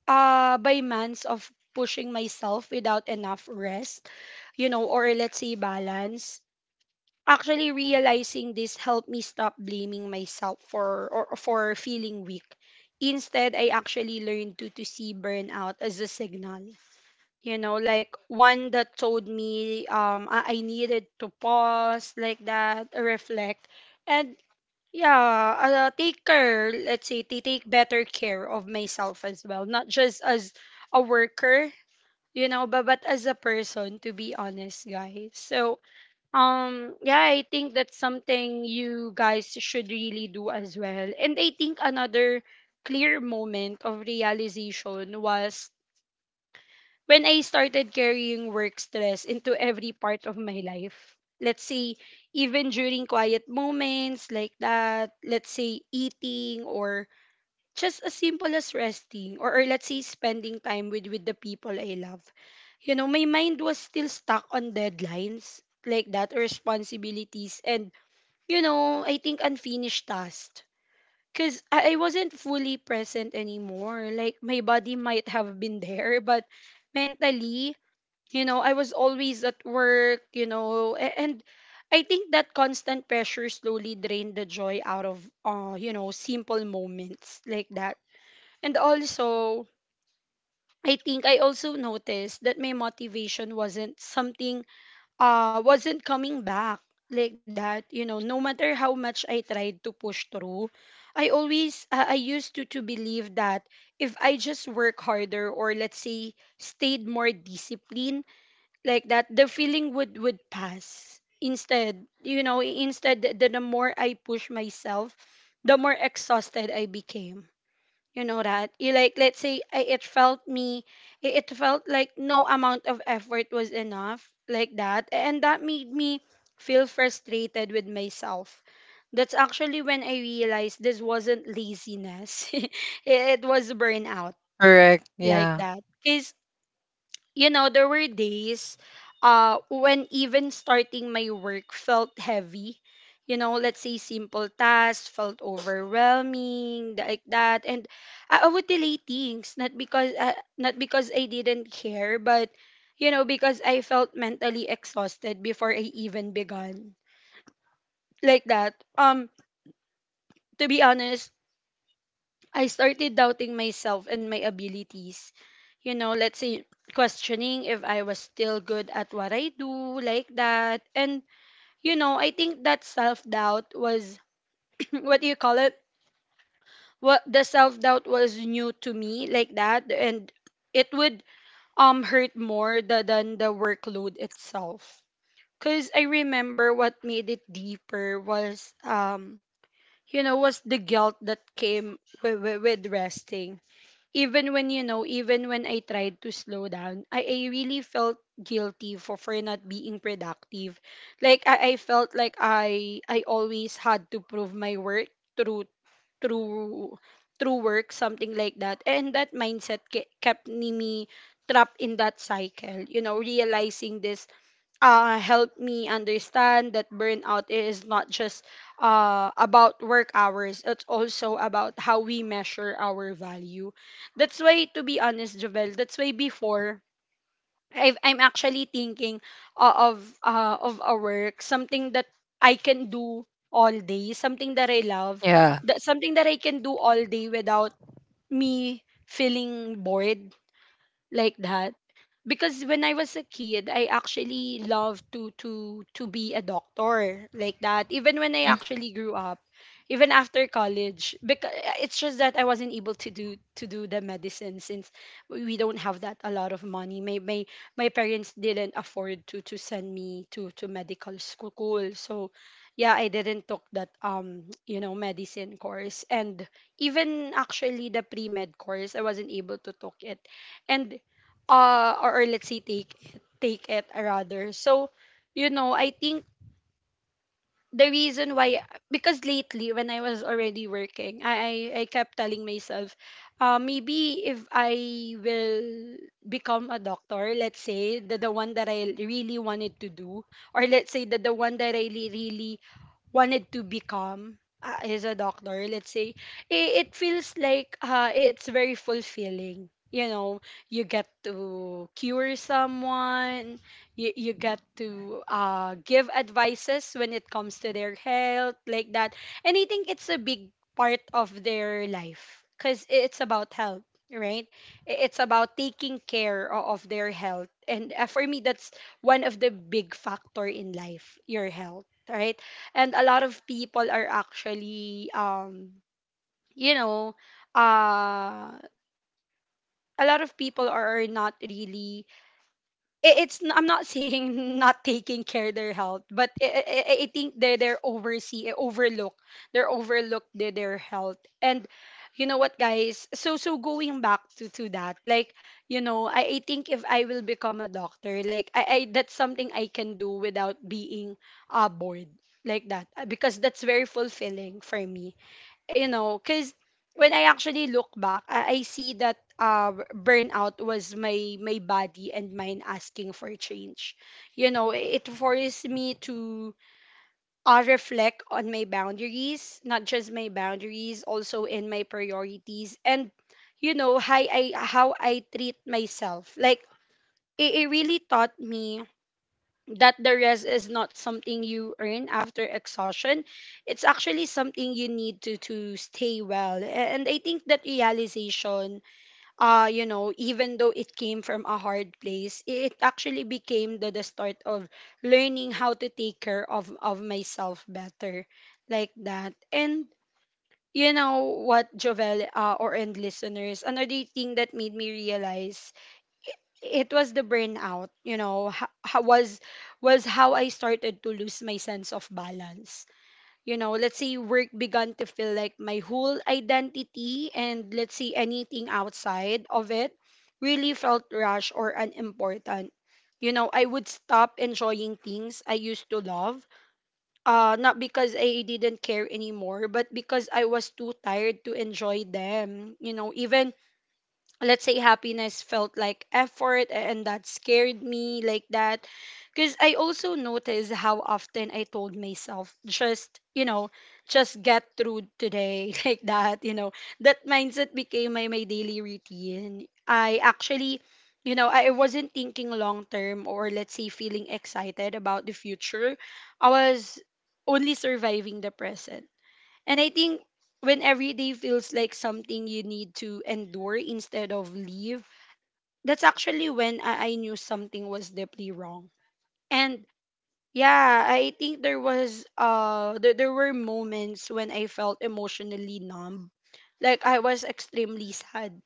[SPEAKER 1] by months of pushing myself without enough rest, you know, or let's say balance. Actually realizing this helped me stop blaming myself for or for feeling weak. Instead, I actually learned to see burnout as a signal. You know, like one that told me I needed to pause like that, reflect, and yeah, take care, let's say, to take better care of myself as well, not just as a worker, you know, but as a person, to be honest, guys. So, yeah, I think that's something you guys should really do as well. And I think another clear moment of realization was when I started carrying work stress into every part of my life. Let's say, even during quiet moments like that, let's say eating or just as simple as resting or let's say spending time with the people I love. You know, my mind was still stuck on deadlines like that, responsibilities, and you know, I think unfinished tasks. Cause I wasn't fully present anymore. Like my body might have been there, but mentally, you know, I was always at work. You know, and I think that constant pressure slowly drained the joy out of, you know, simple moments like that and also, I think I also noticed that my motivation wasn't something wasn't coming back like that. You know, no matter how much I tried to push through, I always I used to believe that if I just work harder or let's say stayed more disciplined like that, the feeling would pass. Instead, you know, instead the more I push myself, the more exhausted I became you know that you like let's say I, it felt me it felt like no amount of effort was enough like that and that made me feel frustrated with myself. That's actually when I realized this wasn't laziness it was burnout
[SPEAKER 2] Correct,
[SPEAKER 1] like
[SPEAKER 2] yeah.
[SPEAKER 1] that because you know, there were days when even starting my work felt heavy. You know, let's say simple tasks felt overwhelming, like that. And I would delay things, not because I didn't care, but you know, because I felt mentally exhausted before I even began, like that. To be honest, I started doubting myself and my abilities. You know, let's say questioning if I was still good at what I do, like that. And, you know, I think that self doubt was what do you call it? What the self doubt was new to me, like that. And it would hurt more than the workload itself. Cause I remember what made it deeper was you know was the guilt that came with resting even when you know even when I tried to slow down I really felt guilty for not being productive. Like I felt like I always had to prove my work through through through work, something like that, and that mindset kept me trapped in that cycle. You know, realizing this helped me understand that burnout is not just about work hours, it's also about how we measure our value. That's why, to be honest, Jovel, that's why before I'm actually thinking of a work, something that I can do all day, something that I love,
[SPEAKER 2] Yeah.
[SPEAKER 1] that something that I can do all day without me feeling bored like that because when I was a kid, I actually loved to be a doctor like that. Even when I actually grew up, even after college, because it's just that I wasn't able to do the medicine since we don't have that a lot of money. My parents didn't afford to send me to medical school, so yeah, I didn't took that you know medicine course. And even actually the pre med course, I wasn't able to took it and or let's say take it, rather. So you know I think the reason why because lately when I was already working I kept telling myself, maybe if I will become a doctor, let's say the one that I really wanted to do or let's say that the one that I really, really wanted to become, is a doctor, let's say, it feels like it's very fulfilling. You know, you get to cure someone, you get to give advices when it comes to their health, like that. And I think it's a big part of their life because it's about health, right? It's about taking care of their health. And for me, that's one of the big factor in life, your health, right? And a lot of people are actually you know uh a lot of people are not really I'm not saying not taking care their health, but I think they they're oversee overlook they're overlooked their health. And you know what, guys? So going back to that, like you know, I think if I will become a doctor, like I that's something I can do without being bored like that. Because that's very fulfilling for me you know, because when I actually look back, I see that burnout was my body and mind asking for change. You know, it forced me to reflect on my boundaries, not just my boundaries, also in my priorities, and you know how I treat myself. Like it really taught me that the rest is not something you earn after exhaustion, it's actually something you need to stay well. And I think that realization, you know, even though it came from a hard place, it actually became the start of learning how to take care of myself better like that. And you know what, Jovel, or and listeners, another thing that made me realize it was the burnout, you know, was how I started to lose my sense of balance. You know, let's say work began to feel like my whole identity and let's say anything outside of it really felt rushed or unimportant. You know, I would stop enjoying things I used to love, not because I didn't care anymore, but because I was too tired to enjoy them. You know, even let's say happiness felt like effort and that scared me like that because I also noticed how often I told myself just you know just get through today like that. You know, that mindset became my daily routine. I actually you know I wasn't thinking long term or let's say feeling excited about the future. I was only surviving the present. And I think when every day feels like something you need to endure instead of leave, that's actually when I knew something was deeply wrong. And yeah, I think there was there were moments when I felt emotionally numb. Like I was extremely sad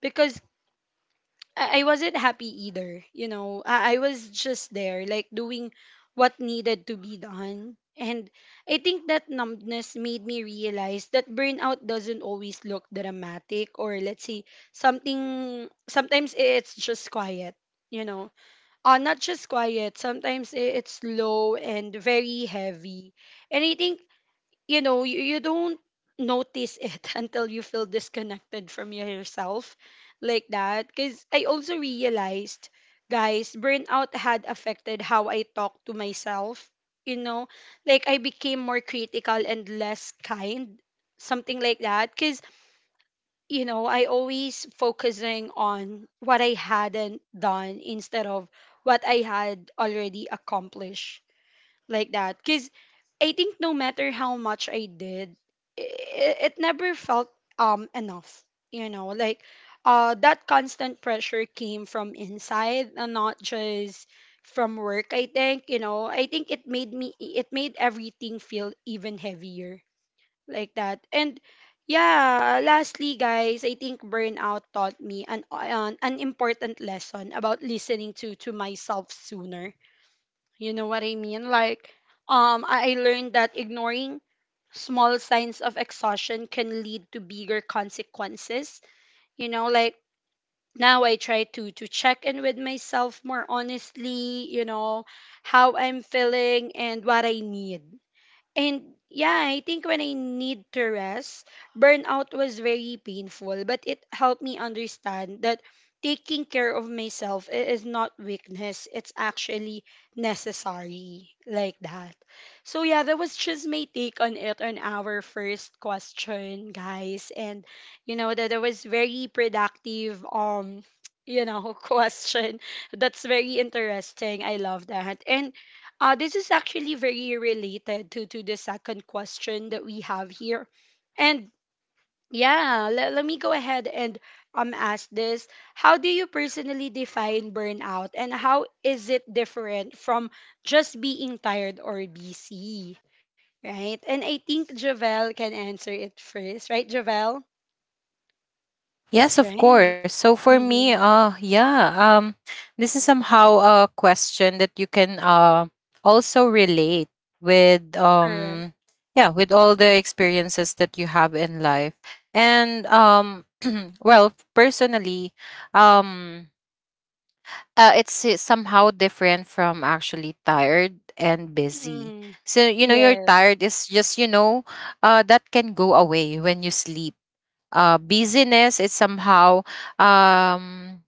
[SPEAKER 1] because I wasn't happy either. You know, I was just there, like doing what needed to be done. And I think that numbness made me realize that burnout doesn't always look dramatic or let's say something, sometimes it's just quiet, you know. Not just quiet, sometimes it's slow and very heavy. And I think you know you don't notice it until you feel disconnected from yourself like that because I also realized, guys, burnout had affected how I talk to myself, you know, like I became more critical and less kind, something like that, because you know I always focusing on what I hadn't done instead of what I had already accomplished like that because I think no matter how much I did, it never felt enough. You know, like that constant pressure came from inside and not just from work. I think you know I think it made everything feel even heavier like that. And yeah, lastly guys, I think burnout taught me an important lesson about listening to myself sooner. You know what I mean? Like, I learned that ignoring small signs of exhaustion can lead to bigger consequences. You know, like now I try to check in with myself more honestly, you know, how I'm feeling and what I need. And yeah, I think when I need to rest, burnout was very painful, but it helped me understand that taking care of myself is not weakness, it's actually necessary like that. So yeah, that was just my take on it on our first question, guys. And you know that it was very productive you know question. That's very interesting. I love that. And this is actually very related to the second question that we have here. And yeah, let me go ahead and ask this. How do you personally define burnout and how is it different from just being tired or busy? Right? And I think Javel can answer it first, right, Javel?
[SPEAKER 2] Yes, of
[SPEAKER 1] Right.
[SPEAKER 2] course. So for me,
[SPEAKER 1] Mm-hmm.
[SPEAKER 2] yeah, this is somehow a question that you can also relate with,
[SPEAKER 1] Correct.
[SPEAKER 2] yeah, with all the experiences that you have in life. And well, personally, um it's somehow different from actually tired and busy.
[SPEAKER 1] Mm-hmm.
[SPEAKER 2] So you know, your
[SPEAKER 1] Yeah.
[SPEAKER 2] tired is just, you know, that can go away when you sleep. Busyness, it's somehow, um,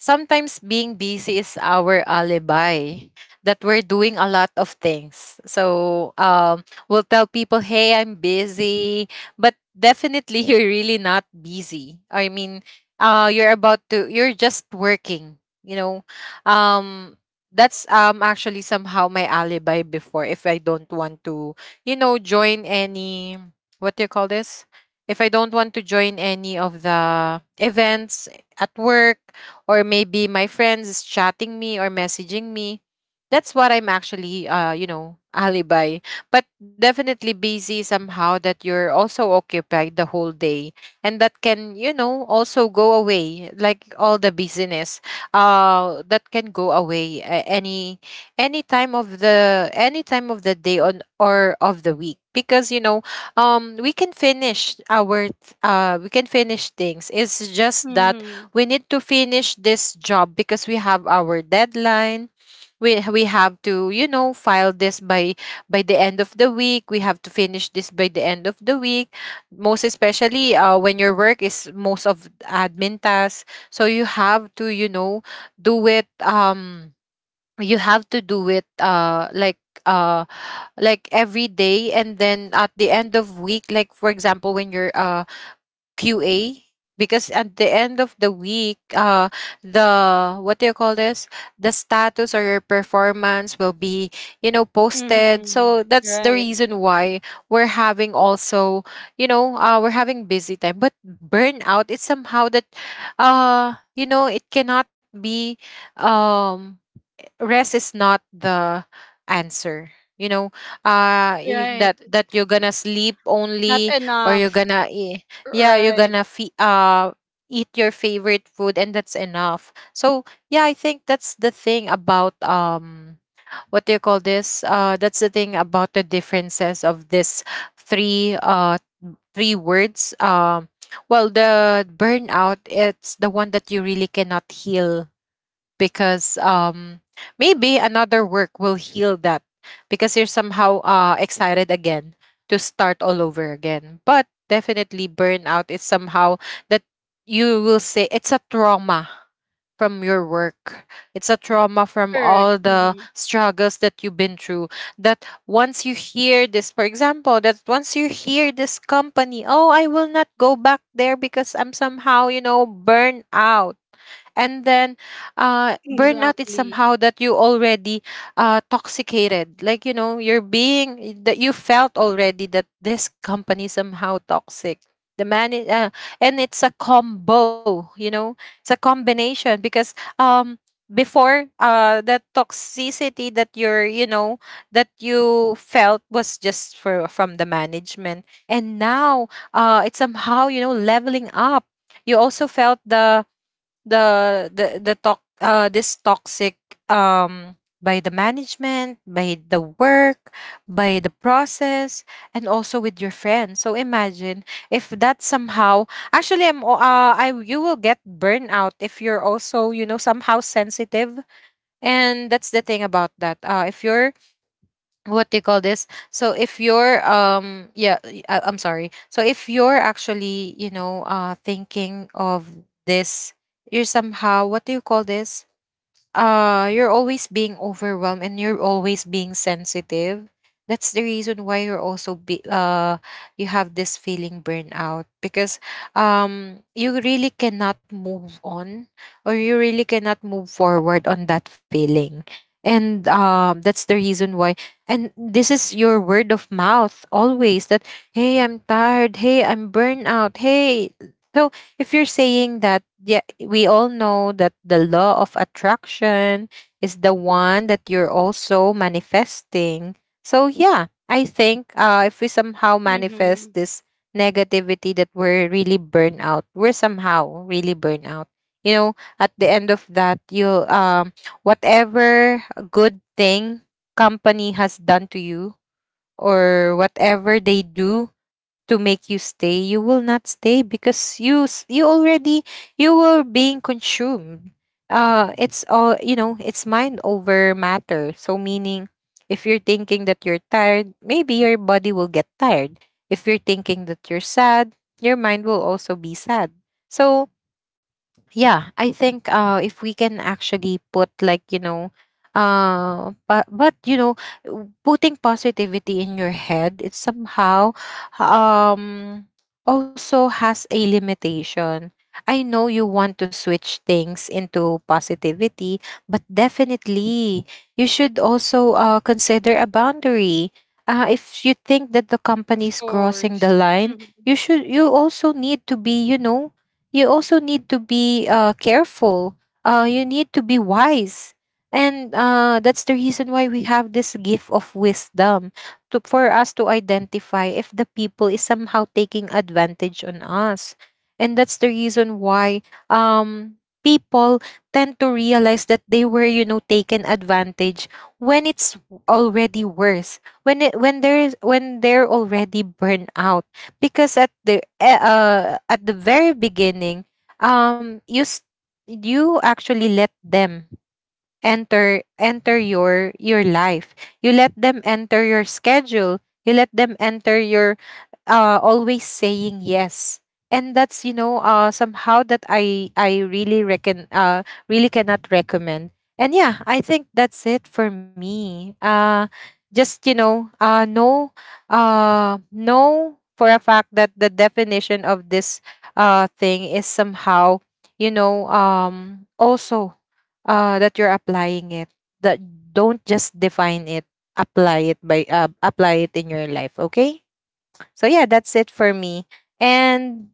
[SPEAKER 2] sometimes being busy is our alibi that we're doing a lot of things. So, we'll tell people, hey, I'm busy, but definitely you're really not busy. I mean, you're about to, you're just working, you know. Um, that's actually somehow my alibi before, if I don't want to, you know, join any, what do you call this, if I don't want to join any of the events at work, or maybe my friends is chatting me or messaging me, that's what I'm actually, you know, alibi. But definitely, busy somehow that you're also occupied the whole day, and that can, you know, also go away, like all the busyness, that can go away, any any time of the day, on or of the week. Because you know, we can finish we can finish things. It's just that
[SPEAKER 1] Mm-hmm.
[SPEAKER 2] we need to finish this job because we have our deadline. We have to, you know, file this by the end of the week. We have to finish this by the end of the week. Most especially when your work is most of admin tasks, so you have to, you know, do it, you have to do it, like every day. And then at the end of week, like for example, when you're QA. Because at the end of the week, the, what do you call this, the status or your performance will be, you know, posted.
[SPEAKER 1] Mm-hmm.
[SPEAKER 2] So that's the
[SPEAKER 1] Right.
[SPEAKER 2] reason why we're having also, you know, we're having busy time. But burnout, it's somehow that, you know, it cannot be, um, rest is not the answer, you know. That
[SPEAKER 1] Right.
[SPEAKER 2] that you're gonna sleep
[SPEAKER 1] Not
[SPEAKER 2] only, or you're
[SPEAKER 1] enough.
[SPEAKER 2] gonna you're gonna
[SPEAKER 1] Right.
[SPEAKER 2] eat your favorite food, and that's enough. So yeah, I think that's the thing about, what do you call this, that's the thing about the differences of this three uh three words. Well, the burnout, it's the one that you really cannot heal. Because maybe another work will heal that, because you're somehow excited again to start all over again. But definitely, burnout is somehow that you will say it's a trauma from your work, it's a trauma from all
[SPEAKER 1] Correct.
[SPEAKER 2] the
[SPEAKER 1] Hmm.
[SPEAKER 2] struggles that you've been through. That once you hear this, for example, that once you hear this company, oh, I will not go back there because I'm somehow, you know, burnout. And then, burnout is
[SPEAKER 1] Exactly.
[SPEAKER 2] somehow that you already toxicated. Like, you know, you're being, that you felt already that this company somehow toxic, the man and it's a combo, you know, it's a combination. Because before, that toxicity that you're you know that you felt was just for from the management. And now, it's somehow, you know, leveling up. You also felt the the talk, this toxic, um by the management, by the work, by the process, and also with your friends. So imagine, if that somehow, actually, I'm o- I you will get burnout if you're also, you know, somehow sensitive. And that's the thing about that, if you're, what they call this, so if you're, I am sorry, so if you're actually, you know, thinking of this, you're somehow, what do you call this, you're always being overwhelmed, and you're always being sensitive. That's the reason why you're also be you have this feeling burnout. Because you really cannot move on, or you really cannot move forward on that feeling. And that's the reason why, and this is your word of mouth always that, hey, I'm tired, hey, I'm burnout, hey. So if you're saying that, yeah, we all know that the law of attraction is the one that you're also manifesting. So yeah, I think, if we somehow manifest
[SPEAKER 1] Hmm.
[SPEAKER 2] this negativity, that we're really burnt out, we're somehow really burnt out, you know. At the end of that, you, whatever good thing company has done to you, or whatever they do to make you stay, you will not stay because you already, you were being consumed. It's all you know, it's mind over matter. So meaning, if you're thinking that you're tired, maybe your body will get tired. If you're thinking that you're sad, your mind will also be sad. So yeah, I think, if we can actually put, like, you know, but you know, putting positivity in your head, it somehow, um also has a limitation. I know you want to switch things into positivity, but definitely, you should also consider a boundary, if you think that the
[SPEAKER 1] Of
[SPEAKER 2] company is crossing
[SPEAKER 1] course.
[SPEAKER 2] the line.
[SPEAKER 1] Hmm.
[SPEAKER 2] You should, you also need to be, you know, you also need to be, careful. You need to be wise. And that's the reason why we have this gift of wisdom to, for us to identify if the people is somehow taking advantage on us. And that's the reason why, um, people tend to realize that they were, you know, taken advantage when it's already worse, when it, when there is when they're already burnout. Because at at the very beginning, you you actually let them enter your life, you let them enter your schedule, you let them enter your, always saying yes. And that's, you know, somehow that, I really reckon really cannot recommend. And yeah, I think that's it for me. Just, you know, know for a fact that the definition of this thing is somehow, you know, also, that you're applying it. That Don't just define it, apply it by, apply it in your life, okay? So yeah, that's it for me. And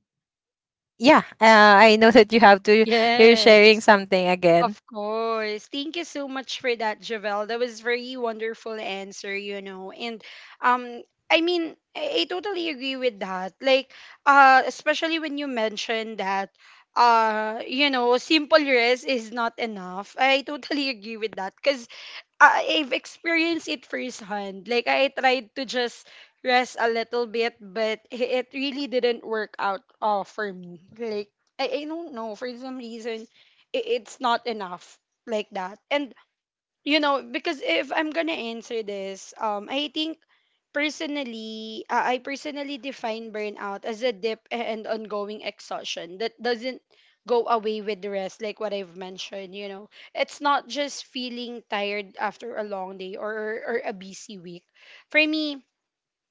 [SPEAKER 2] yeah, I know that you have to, you're sharing
[SPEAKER 1] Yes.
[SPEAKER 2] something
[SPEAKER 1] Of
[SPEAKER 2] again.
[SPEAKER 1] course. Thank you so much for that, Javel. That was very wonderful answer, you know. And um I mean, I totally agree with that. Like especially when you mentioned that you know, simple rest is not enough. I totally agree with that cuz I've experienced it firsthand. Like I tried to just rest a little bit, but it really didn't work out for me. Like I don't know for some reason, I it's not enough like that. And you know because if I'm gonna answer this I think personally I personally define burnout as a dip and ongoing exhaustion that doesn't go away with the rest like what I've mentioned. You know, it's not just feeling tired after a long day or a busy week for me.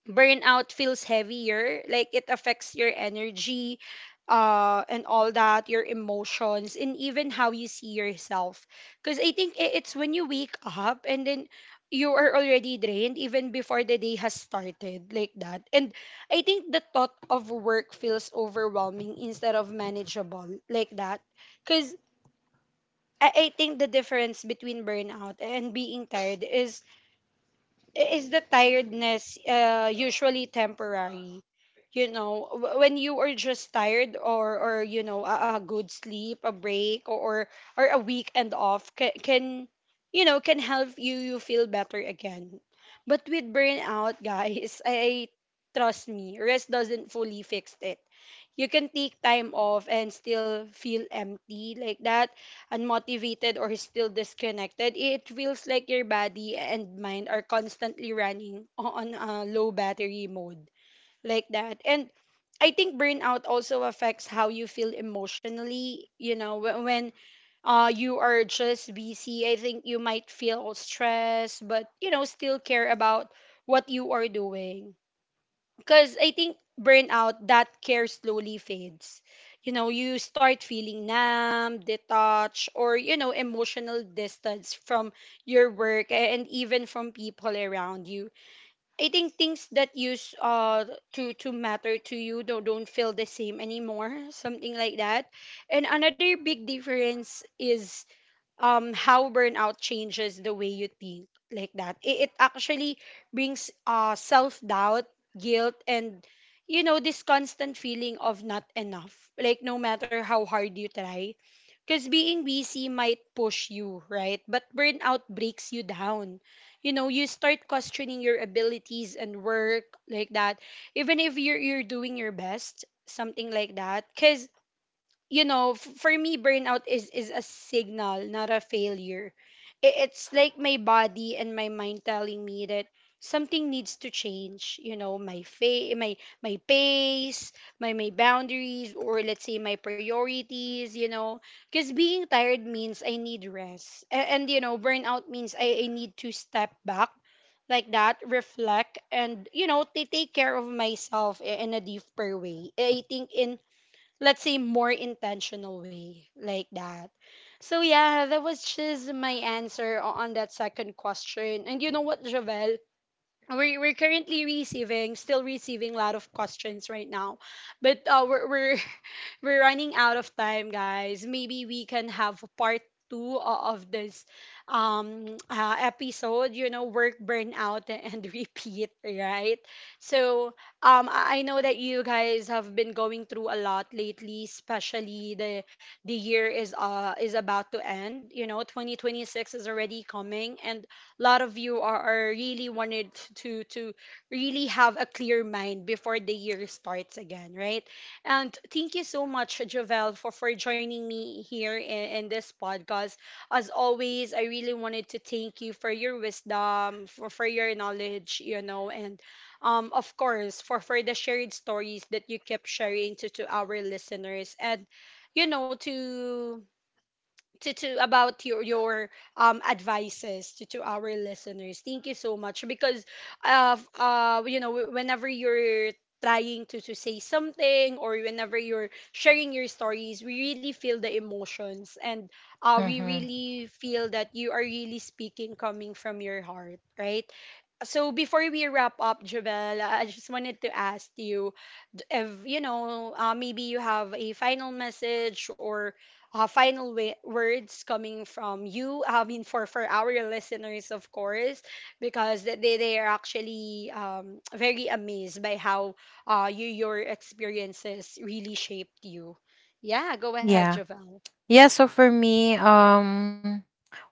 [SPEAKER 1] Burnout feels heavier, like it affects your energy and all that, your emotions and even how you see yourself, because I think it's when you wake up and then you are already drained even before the day has started, like that. And I think the thought of work feels overwhelming instead of manageable, like that. Because I think the difference between burnout and being tired is the tiredness usually temporary? You know, when you are just tired or you know a good sleep, a break or a weekend off can you know can help you you feel better again. But with burnout, guys, I trust me, rest doesn't fully fix it. You can take time off and still feel empty, like that, unmotivated or still disconnected. It feels like your body and mind are constantly running on a low battery mode, like that. And I think burnout also affects how you feel emotionally. You know, when you are just busy, I think you might feel stressed, but you know, still care about what you are doing, because I think burnout, that care slowly fades. You know, you start feeling numb, detached, or, you know, emotional distance from your work and even from people around you. I think things that used to matter to you don't feel the same anymore, something like that. And another big difference is how burnout changes the way you think, like that. It it actually brings self-doubt, guilt, and you know, this constant feeling of not enough, like no matter how hard you try, because being busy might push you right but burnout breaks you down. You know, you start questioning your abilities and work, like that, even if you're doing your best, something like that. Because you know, for me, burnout is a signal, not a failure. It's like my body and my mind telling me that something needs to change. You know, my my pace, my boundaries, or let's say my priorities. You know, because being tired means I need rest, and you know, burnout means I need to step back, like that, reflect, and you know, take care of myself in a deeper way. I think in let's say more intentional way, like that. So yeah, that was just my answer on that second question. And you know what Javel, we're currently receiving still receiving a lot of questions right now, but we're running out of time, guys. Maybe we can have part two of this episode, you know, work burnout and repeat, right? So I know that you guys have been going through a lot lately, especially the year is about to end. You know, 2026 is already coming and a lot of you are really wanted to really have a clear mind before the year starts again, right? And thank you so much, Jovel, for joining me here in this podcast. As always, I really wanted to thank you for your wisdom, for your knowledge, you know, and of course, for the shared stories that you kept sharing to our listeners. And, you know, to about your advices to our listeners, thank you so much because you know whenever you're trying to say something or whenever you're sharing your stories, we really feel the emotions and we
[SPEAKER 2] Mm-hmm.
[SPEAKER 1] really feel that you are really speaking coming from your heart, right? So before we wrap up, Jabel, I just wanted to ask you if you know maybe you have a final message or words coming from you. I mean, for our listeners, of course, because they are actually very amazed by how you your experiences really shaped you. Yeah, go ahead,
[SPEAKER 2] Yeah.
[SPEAKER 1] Jabel.
[SPEAKER 2] Yeah, so for me,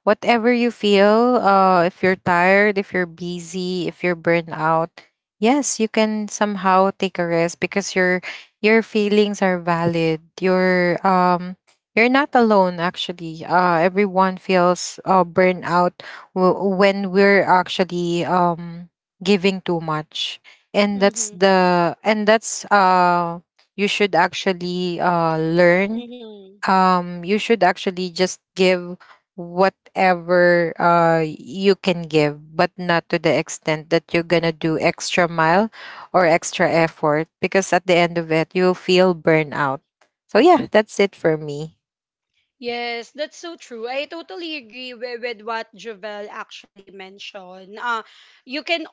[SPEAKER 2] whatever you feel, if you're tired, if you're busy, if you're burnt out, yes, you can somehow take a rest, because your feelings are valid. You're, you're not alone, actually. Uh, everyone feels burnt out when we're actually, giving too much. And that's
[SPEAKER 1] Mm-hmm.
[SPEAKER 2] the and that's You should actually learn,
[SPEAKER 1] Mm-hmm.
[SPEAKER 2] you should actually just give whatever you can give, but not to the extent that you're gonna do extra mile or extra effort, because at the end of it, you'll feel burnout. So yeah, that's it for me.
[SPEAKER 1] Yes, that's so true. I totally agree with what Jovel actually mentioned. You can,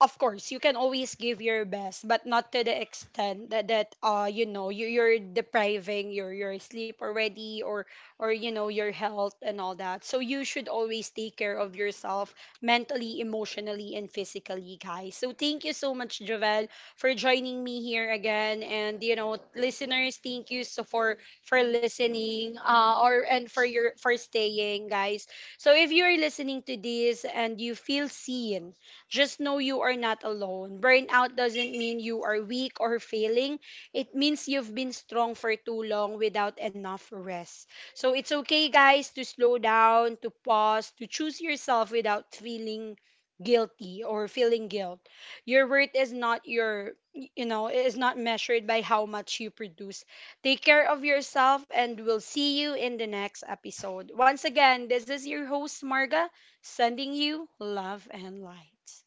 [SPEAKER 1] of course, you can always give your best, but not to the extent that, that you know, you're depriving your sleep already or, you know, your health and all that. So you should always take care of yourself mentally, emotionally, and physically, guys. So thank you so much, Jovel, for joining me here again. And, you know, listeners, thank you so for listening or and for your for staying, guys. So if you're listening to this and you feel seen, just know you are not alone. Burnout doesn't mean you are weak or failing. It means you've been strong for too long without enough rest. So it's okay, guys, to slow down, to pause, to choose yourself without feeling guilty or feeling guilt. Your worth is not your, you know, is not measured by how much you produce. Take care of yourself, and we'll see you in the next episode. Once again, this is your host, Marga, sending you love and light.